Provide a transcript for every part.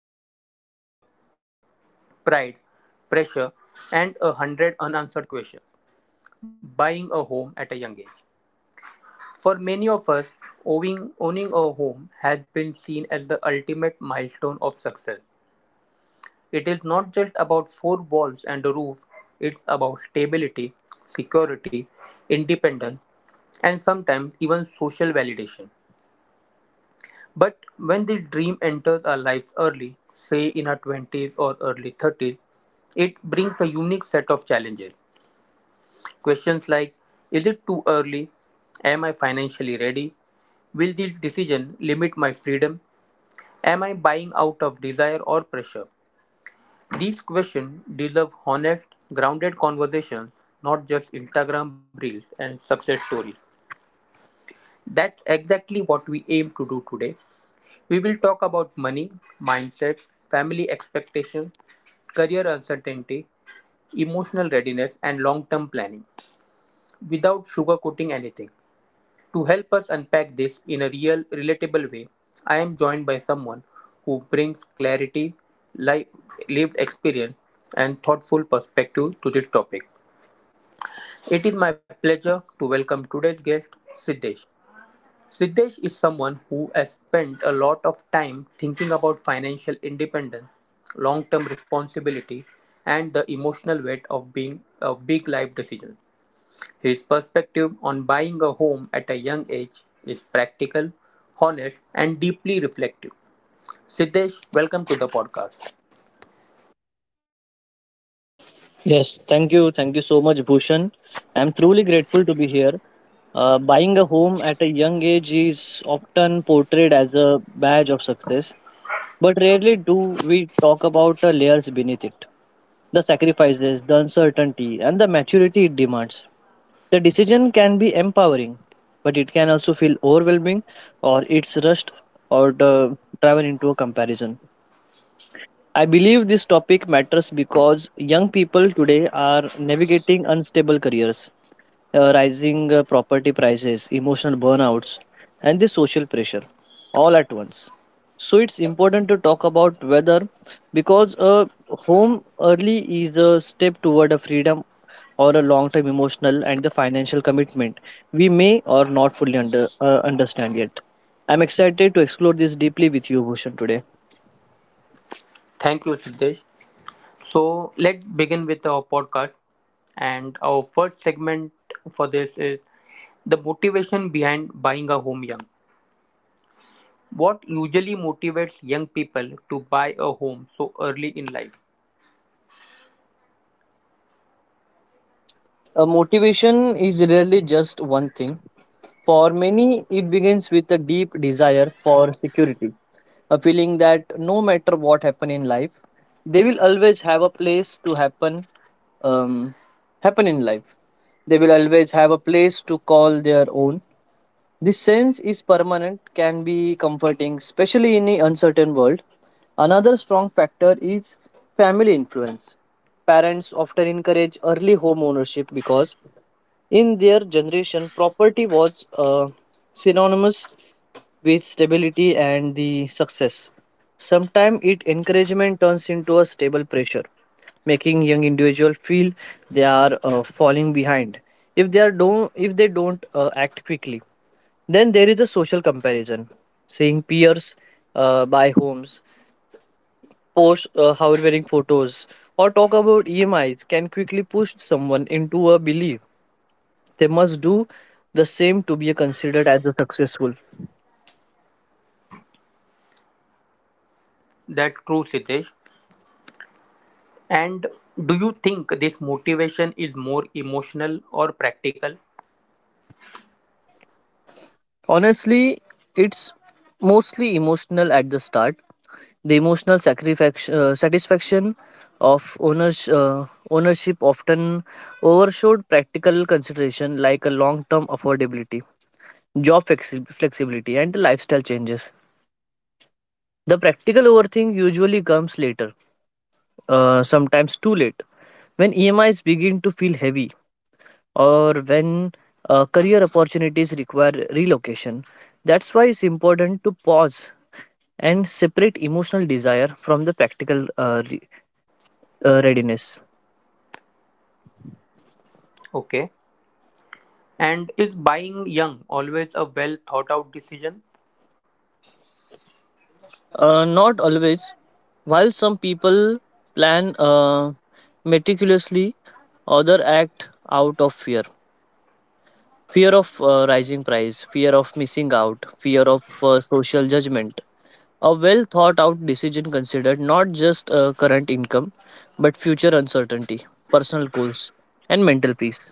excitement, fear, pride, pressure, and a hundred unanswered questions, buying a home at a young age. For many of us, owning a home has been seen as the ultimate milestone of success. It is not just about four walls and a roof, it's about stability, security, independence, and sometimes even social validation. But when this dream enters our lives early, say in our 20s or early 30s, it brings a unique set of challenges. Questions like, is it too early? Am I financially ready? Will this decision limit my freedom? Am I buying out of desire or pressure? These questions deserve honest, grounded conversations, not just Instagram reels and success stories. That's exactly what we aim to do today. We will talk about money, mindset, family expectations, career uncertainty, emotional readiness, and long term planning without sugarcoating anything. To help us unpack this in a real, relatable way, I am joined by someone who brings clarity, life, lived experience, and thoughtful perspective to this topic. It is my pleasure to welcome today's guest, Siddesh. Siddesh is someone who has spent a lot of time thinking about financial independence, long term responsibility, and the emotional weight of being a big life decision. His perspective on buying a home at a young age is practical, honest, and deeply reflective. Siddesh, welcome to the podcast. Yes, thank you. Thank you so much, Bhushan. I'm truly grateful to be here. Buying a home at a young age is often portrayed as a badge of success, but rarely do we talk about the layers beneath it, the sacrifices, the uncertainty, and the maturity it demands. The decision can be empowering, but it can also feel overwhelming or it's rushed or the driven into a comparison. I believe this topic matters because young people today are navigating unstable careers, rising property prices, emotional burnouts, and the social pressure all at once. So it's important to talk about whether because a home early is a step toward a freedom or a long-term emotional and the financial commitment we may or not fully understand yet. I'm excited to explore this deeply with you, Bhushan, today. Thank you, Siddesh. So, let's begin with our podcast. And our first segment for this is the motivation behind buying a home young. What usually motivates young people to buy a home so early in life? Motivation is rarely just one thing. For many, it begins with a deep desire for security, a feeling that no matter what happen in life, they will always have a place to um, happen in life. They will always have a place to call their own. This sense is permanent, can be comforting, especially in an uncertain world. Another strong factor is family influence. Parents often encourage early home ownership because in their generation, property was synonymous with stability and the success. Sometimes it encouragement turns into a stable pressure, making young individual feel they are falling behind. If they don't act quickly, then there is a social comparison. Seeing peers buy homes, post however wearing photos, or talk about E M I's can quickly push someone into a belief they must do the same to be considered as a successful. That's true, Siddesh. And do you think this motivation is more emotional or practical? Honestly, it's mostly emotional at the start. The emotional satisfaction of ownership often overshadowed practical consideration like a long-term affordability, flexibility, and the lifestyle changes. The practical overthink usually comes later, sometimes too late, when E M is begin to feel heavy or when career opportunities require relocation. That's why it's important to pause and separate emotional desire from the practical readiness. Okay. And is buying young always a well thought out decision? Not always. While some people plan meticulously, other act out of fear. Fear of rising price, fear of missing out, fear of social judgment. A well thought out decision considered not just current income, but future uncertainty, personal goals, and mental peace.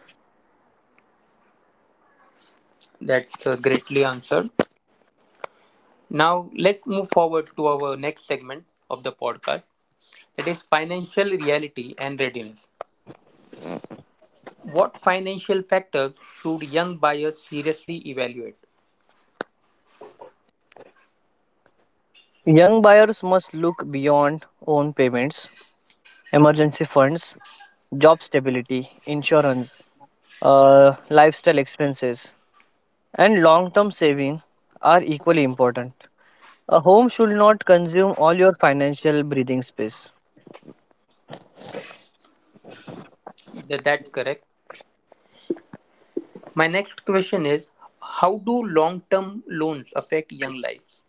That's greatly answered. Now, let's move forward to our next segment of the podcast that is financial reality and readiness. What financial factors should young buyers seriously evaluate? Young buyers must look beyond own payments, emergency funds, job stability, insurance, lifestyle expenses, and long term saving are equally important. A home should not consume all your financial breathing space. That's correct. My next question is, how do long term loans affect young lives?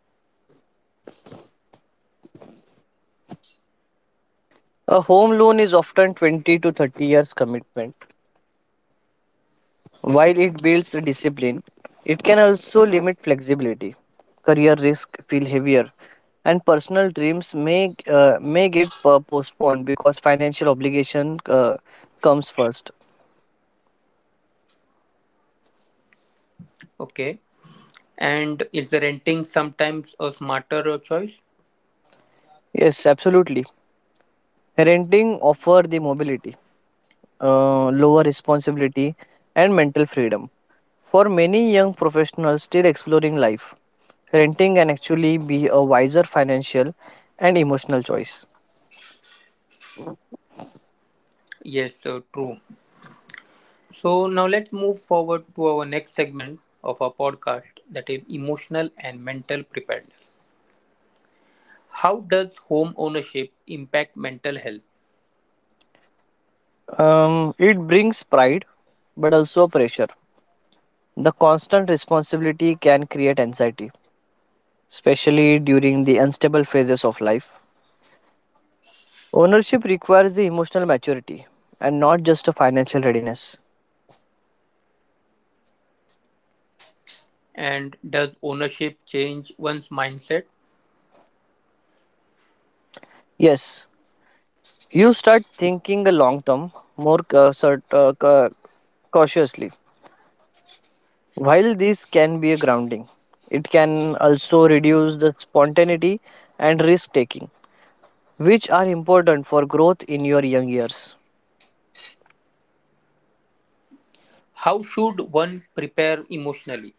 A home loan is often 20 to 30 years commitment. While it builds discipline, it can also limit flexibility. Career risks feel heavier, and personal dreams may get postponed because financial obligation comes first. Okay. And is renting sometimes a smarter choice? Yes, absolutely. Renting offer the mobility, lower responsibility, and mental freedom. For many young professionals still exploring life, renting can actually be a wiser financial and emotional choice. Yes, true. So now let's move forward to our next segment of our podcast that is emotional and mental preparedness. How does home ownership impact mental health, It brings pride but also pressure. The constant responsibility can create anxiety, especially during the unstable phases of life. Ownership requires the emotional maturity and not just a financial readiness. and does ownership change one's mindset? Yes, you start thinking a long term more cautiously. While this can be a grounding, it can also reduce the spontaneity and risk taking, which are important for growth in your young years. How should one prepare emotionally?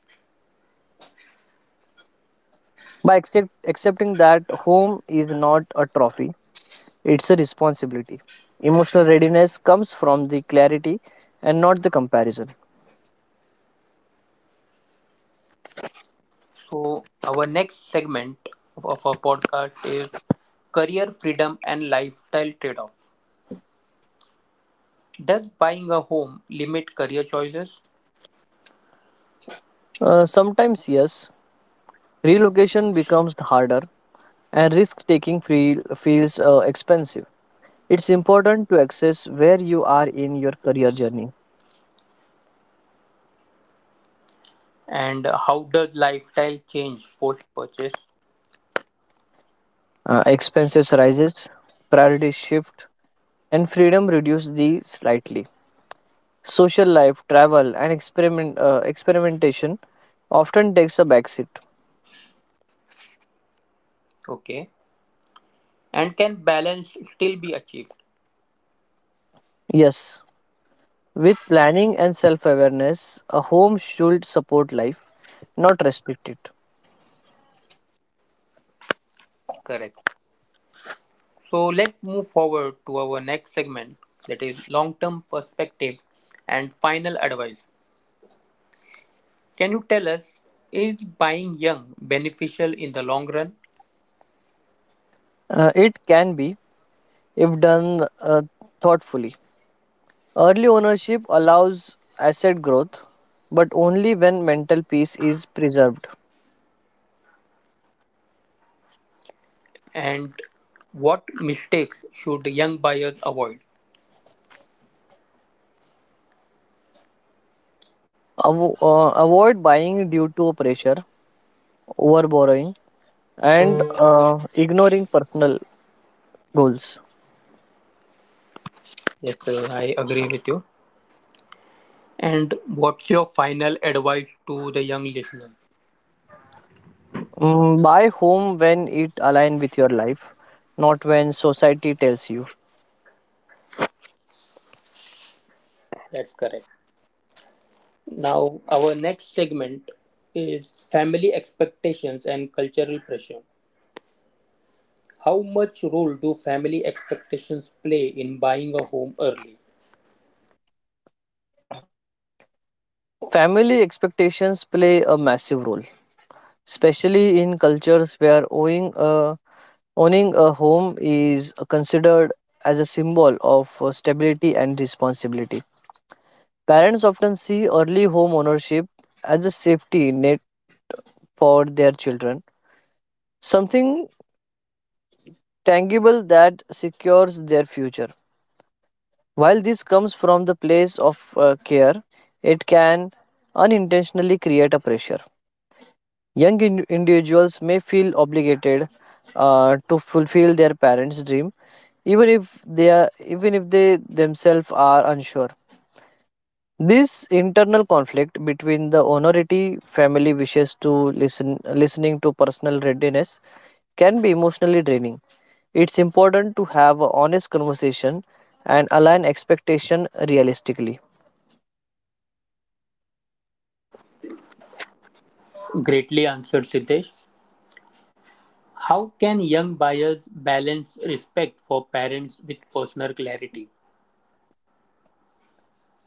By accepting that home is not a trophy. It's a responsibility. Emotional readiness comes from the clarity and not the comparison. So our next segment of our podcast is career freedom and lifestyle trade-offs. Does buying a home limit career choices? Sometimes, yes, relocation becomes harder and risk taking feels expensive. It's important to assess where you are in your career journey. And how does lifestyle change post-purchase? Expenses rises, priorities shift, and freedom reduce these slightly. Social life, travel, and experimentation often takes a backseat. Okay, and can balance still be achieved? Yes, with planning and self awareness, a home should support life, not restrict it. Correct. So let's move forward to our next segment that is long term perspective and final advice. Can you tell us, is buying young beneficial in the long run, It can be, if done thoughtfully. Early ownership allows asset growth, but only when mental peace is preserved. and what mistakes should young buyers avoid? Avoid buying due to pressure, over borrowing, and ignoring personal goals. Yes, sir, I agree with you. And what's your final advice to the young listeners? Buy home when it aligns with your life, not when society tells you. That's correct. Now, our next segment is family expectations and cultural pressure. How much role do family expectations play in buying a home early? Family expectations play a massive role, especially in cultures where owning a home is considered as a symbol of stability and responsibility. Parents often see early home ownership as a safety net for their children, something tangible that secures their future. While this comes from the place of care, it can unintentionally create a pressure. Individuals may feel obligated to fulfill their parents' dream, even if they themselves are unsure. This internal conflict between the honority family wishes to listen, listening to personal readiness can be emotionally draining. It's important to have an honest conversation and align expectation realistically. Greatly answered, Siddesh. How can young buyers balance respect for parents with personal clarity?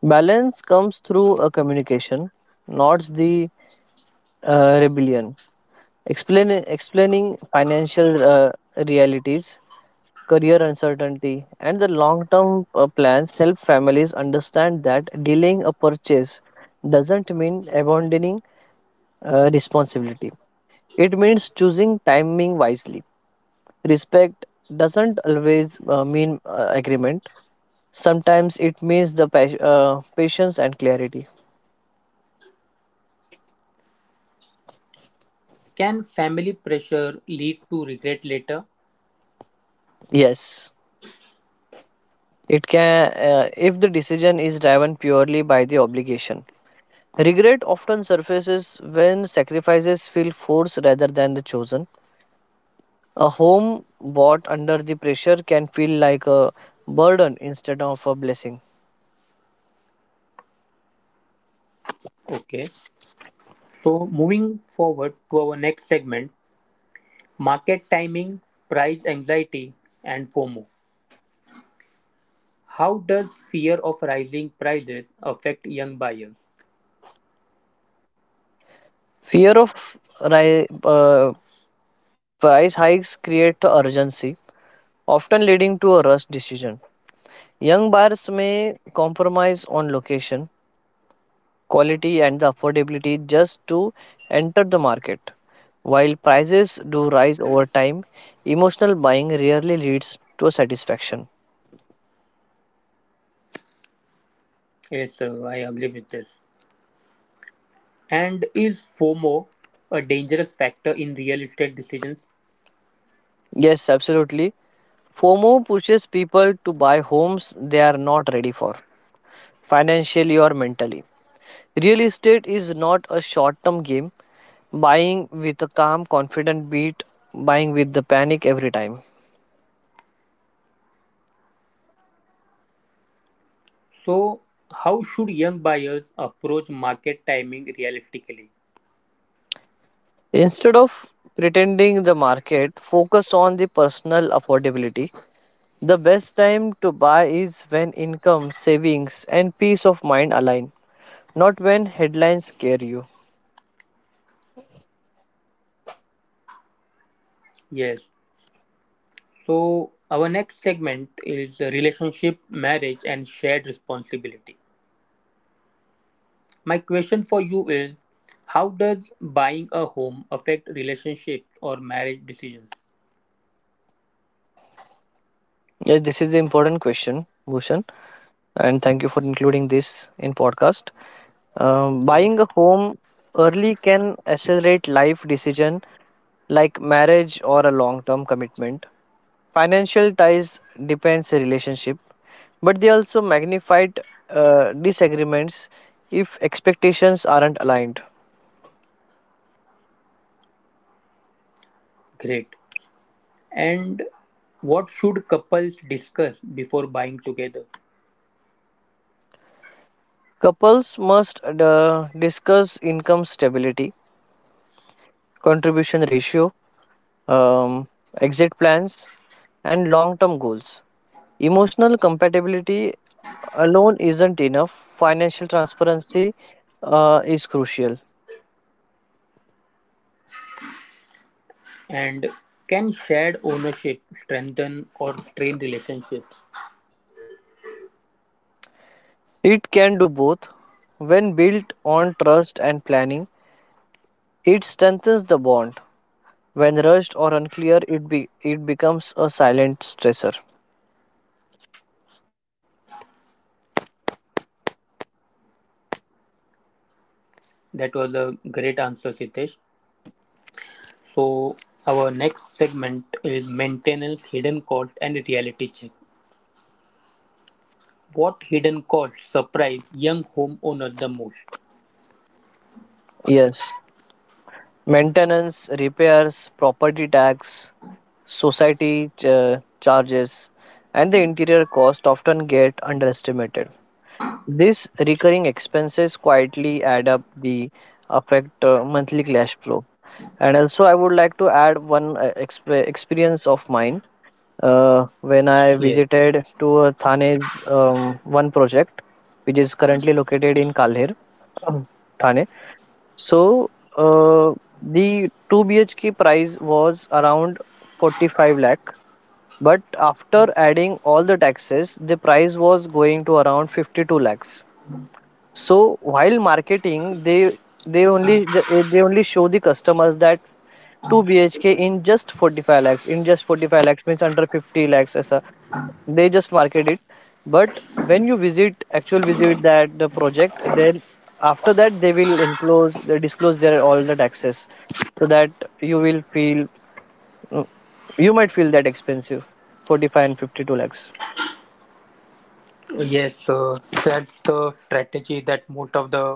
Balance comes through a communication, not the rebellion. Explaining financial realities, career uncertainty, and the long term plans help families understand that delaying a purchase doesn't mean abandoning responsibility. It means choosing timing wisely. Respect doesn't always mean agreement, sometimes it means the patience and clarity. Can family pressure lead to regret later? Yes, it can, if the decision is driven purely by the obligation. Regret often surfaces when sacrifices feel forced rather than the chosen. A home bought under the pressure can feel like a burden instead of a blessing. Okay, so moving forward to our next segment, market timing, price anxiety, and FOMO. How does fear of rising prices affect young buyers? Fear of ri- uh, price hikes create urgency, often leading to a rush decision. Young buyers may compromise on location, quality, and the affordability just to enter the market. While prices do rise over time, emotional buying rarely leads to a satisfaction. Yes, sir, I agree with this. And is FOMO a dangerous factor in real estate decisions? Yes, absolutely. FOMO pushes people to buy homes they are not ready for, financially or mentally. Real estate is not a short term game, buying with a calm, confident beat, buying with the panic every time. So, how should young buyers approach market timing realistically? Instead of pretending the market, focus on the personal affordability. The best time to buy is when income, savings, and peace of mind align, not when headlines scare you. Yes. So, our next segment is relationship, marriage, and shared responsibility. My question for you is, how does buying a home affect relationships or marriage decisions? Yes, this is the important question, Bhushan, and thank you for including this in podcast. Buying Yes. a home early can accelerate life decision like marriage or a long-term commitment. Financial ties depends a relationship, but they also magnified disagreements if expectations aren't aligned. Great. And what should couples discuss before buying together? Couples must discuss income stability, contribution ratio, um, exit plans, and long-term goals. Emotional compatibility alone isn't enough. Financial transparency is crucial. And can shared ownership strengthen or strain relationships? It can do both. When built on trust and planning, it strengthens the bond. When rushed or unclear, it becomes a silent stressor. That was a great answer, Sitesh. So, our next segment is maintenance, hidden cost, and reality check. What hidden costs surprise young homeowners the most? Yes. Maintenance, repairs, property tax, charges, and the interior cost often get underestimated. These recurring expenses quietly add up the affect monthly cash flow. And also, I would like to add one experience of mine when I Yes, visited to Thane's one project, which is currently located in Kalher, um, Thane. So uh, the two BHK price was around 45 lakh, but after adding all the taxes, the price was going to around 52 lakhs. So while marketing, they only they only show the customers that 2 BHK in just 45 lakhs, in just 45 lakhs means under 50 lakhs as a they just market it. But when you visit actual visit that the project, then after that they will enclose they disclose their all the taxes so that you will feel you might feel that expensive 45 and 52 lakhs. yes, that's the strategy that most of the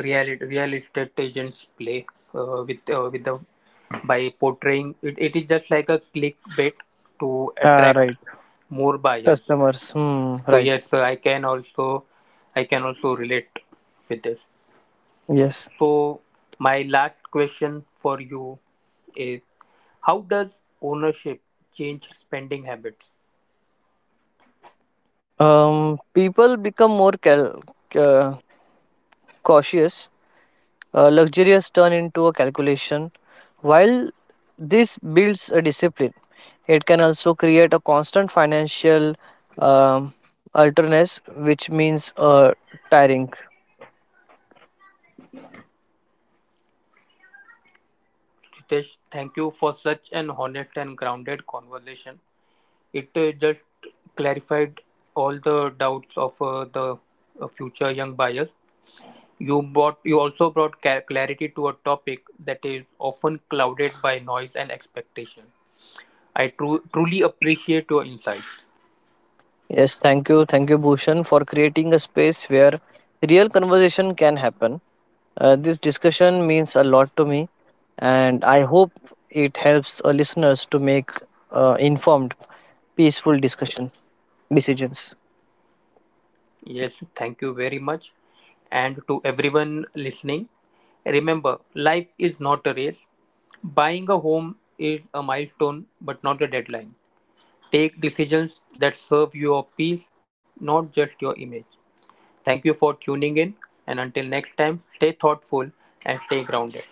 real estate agents play with the, by portraying it, it is just like a clickbait to Ah, right. attract more buyers. Customers. Hmm. So Right. yes, I can also, I can also relate with this. Yes. So my last question for you is, how does ownership change spending habits? People become more uh, cautious. Luxurious turn into a calculation. While this builds a discipline, it can also create a constant financial um, alterness, which means tiring. Ritesh, thank you for such an honest and grounded conversation. It just clarified all the doubts of the future young buyers. You also brought clarity to a topic that is often clouded by noise and expectation. I truly appreciate your insights. Yes. Thank you. Thank you, Bhushan, for creating a space where real conversation can happen. This discussion means a lot to me, and I hope it helps our listeners to make informed, peaceful discussion decisions. Yes, thank you very much. And to everyone listening, remember, life is not a race. Buying a home is a milestone but not a deadline. Take decisions that serve your peace, not just your image. Thank you for tuning in, and until next time, stay thoughtful and stay grounded.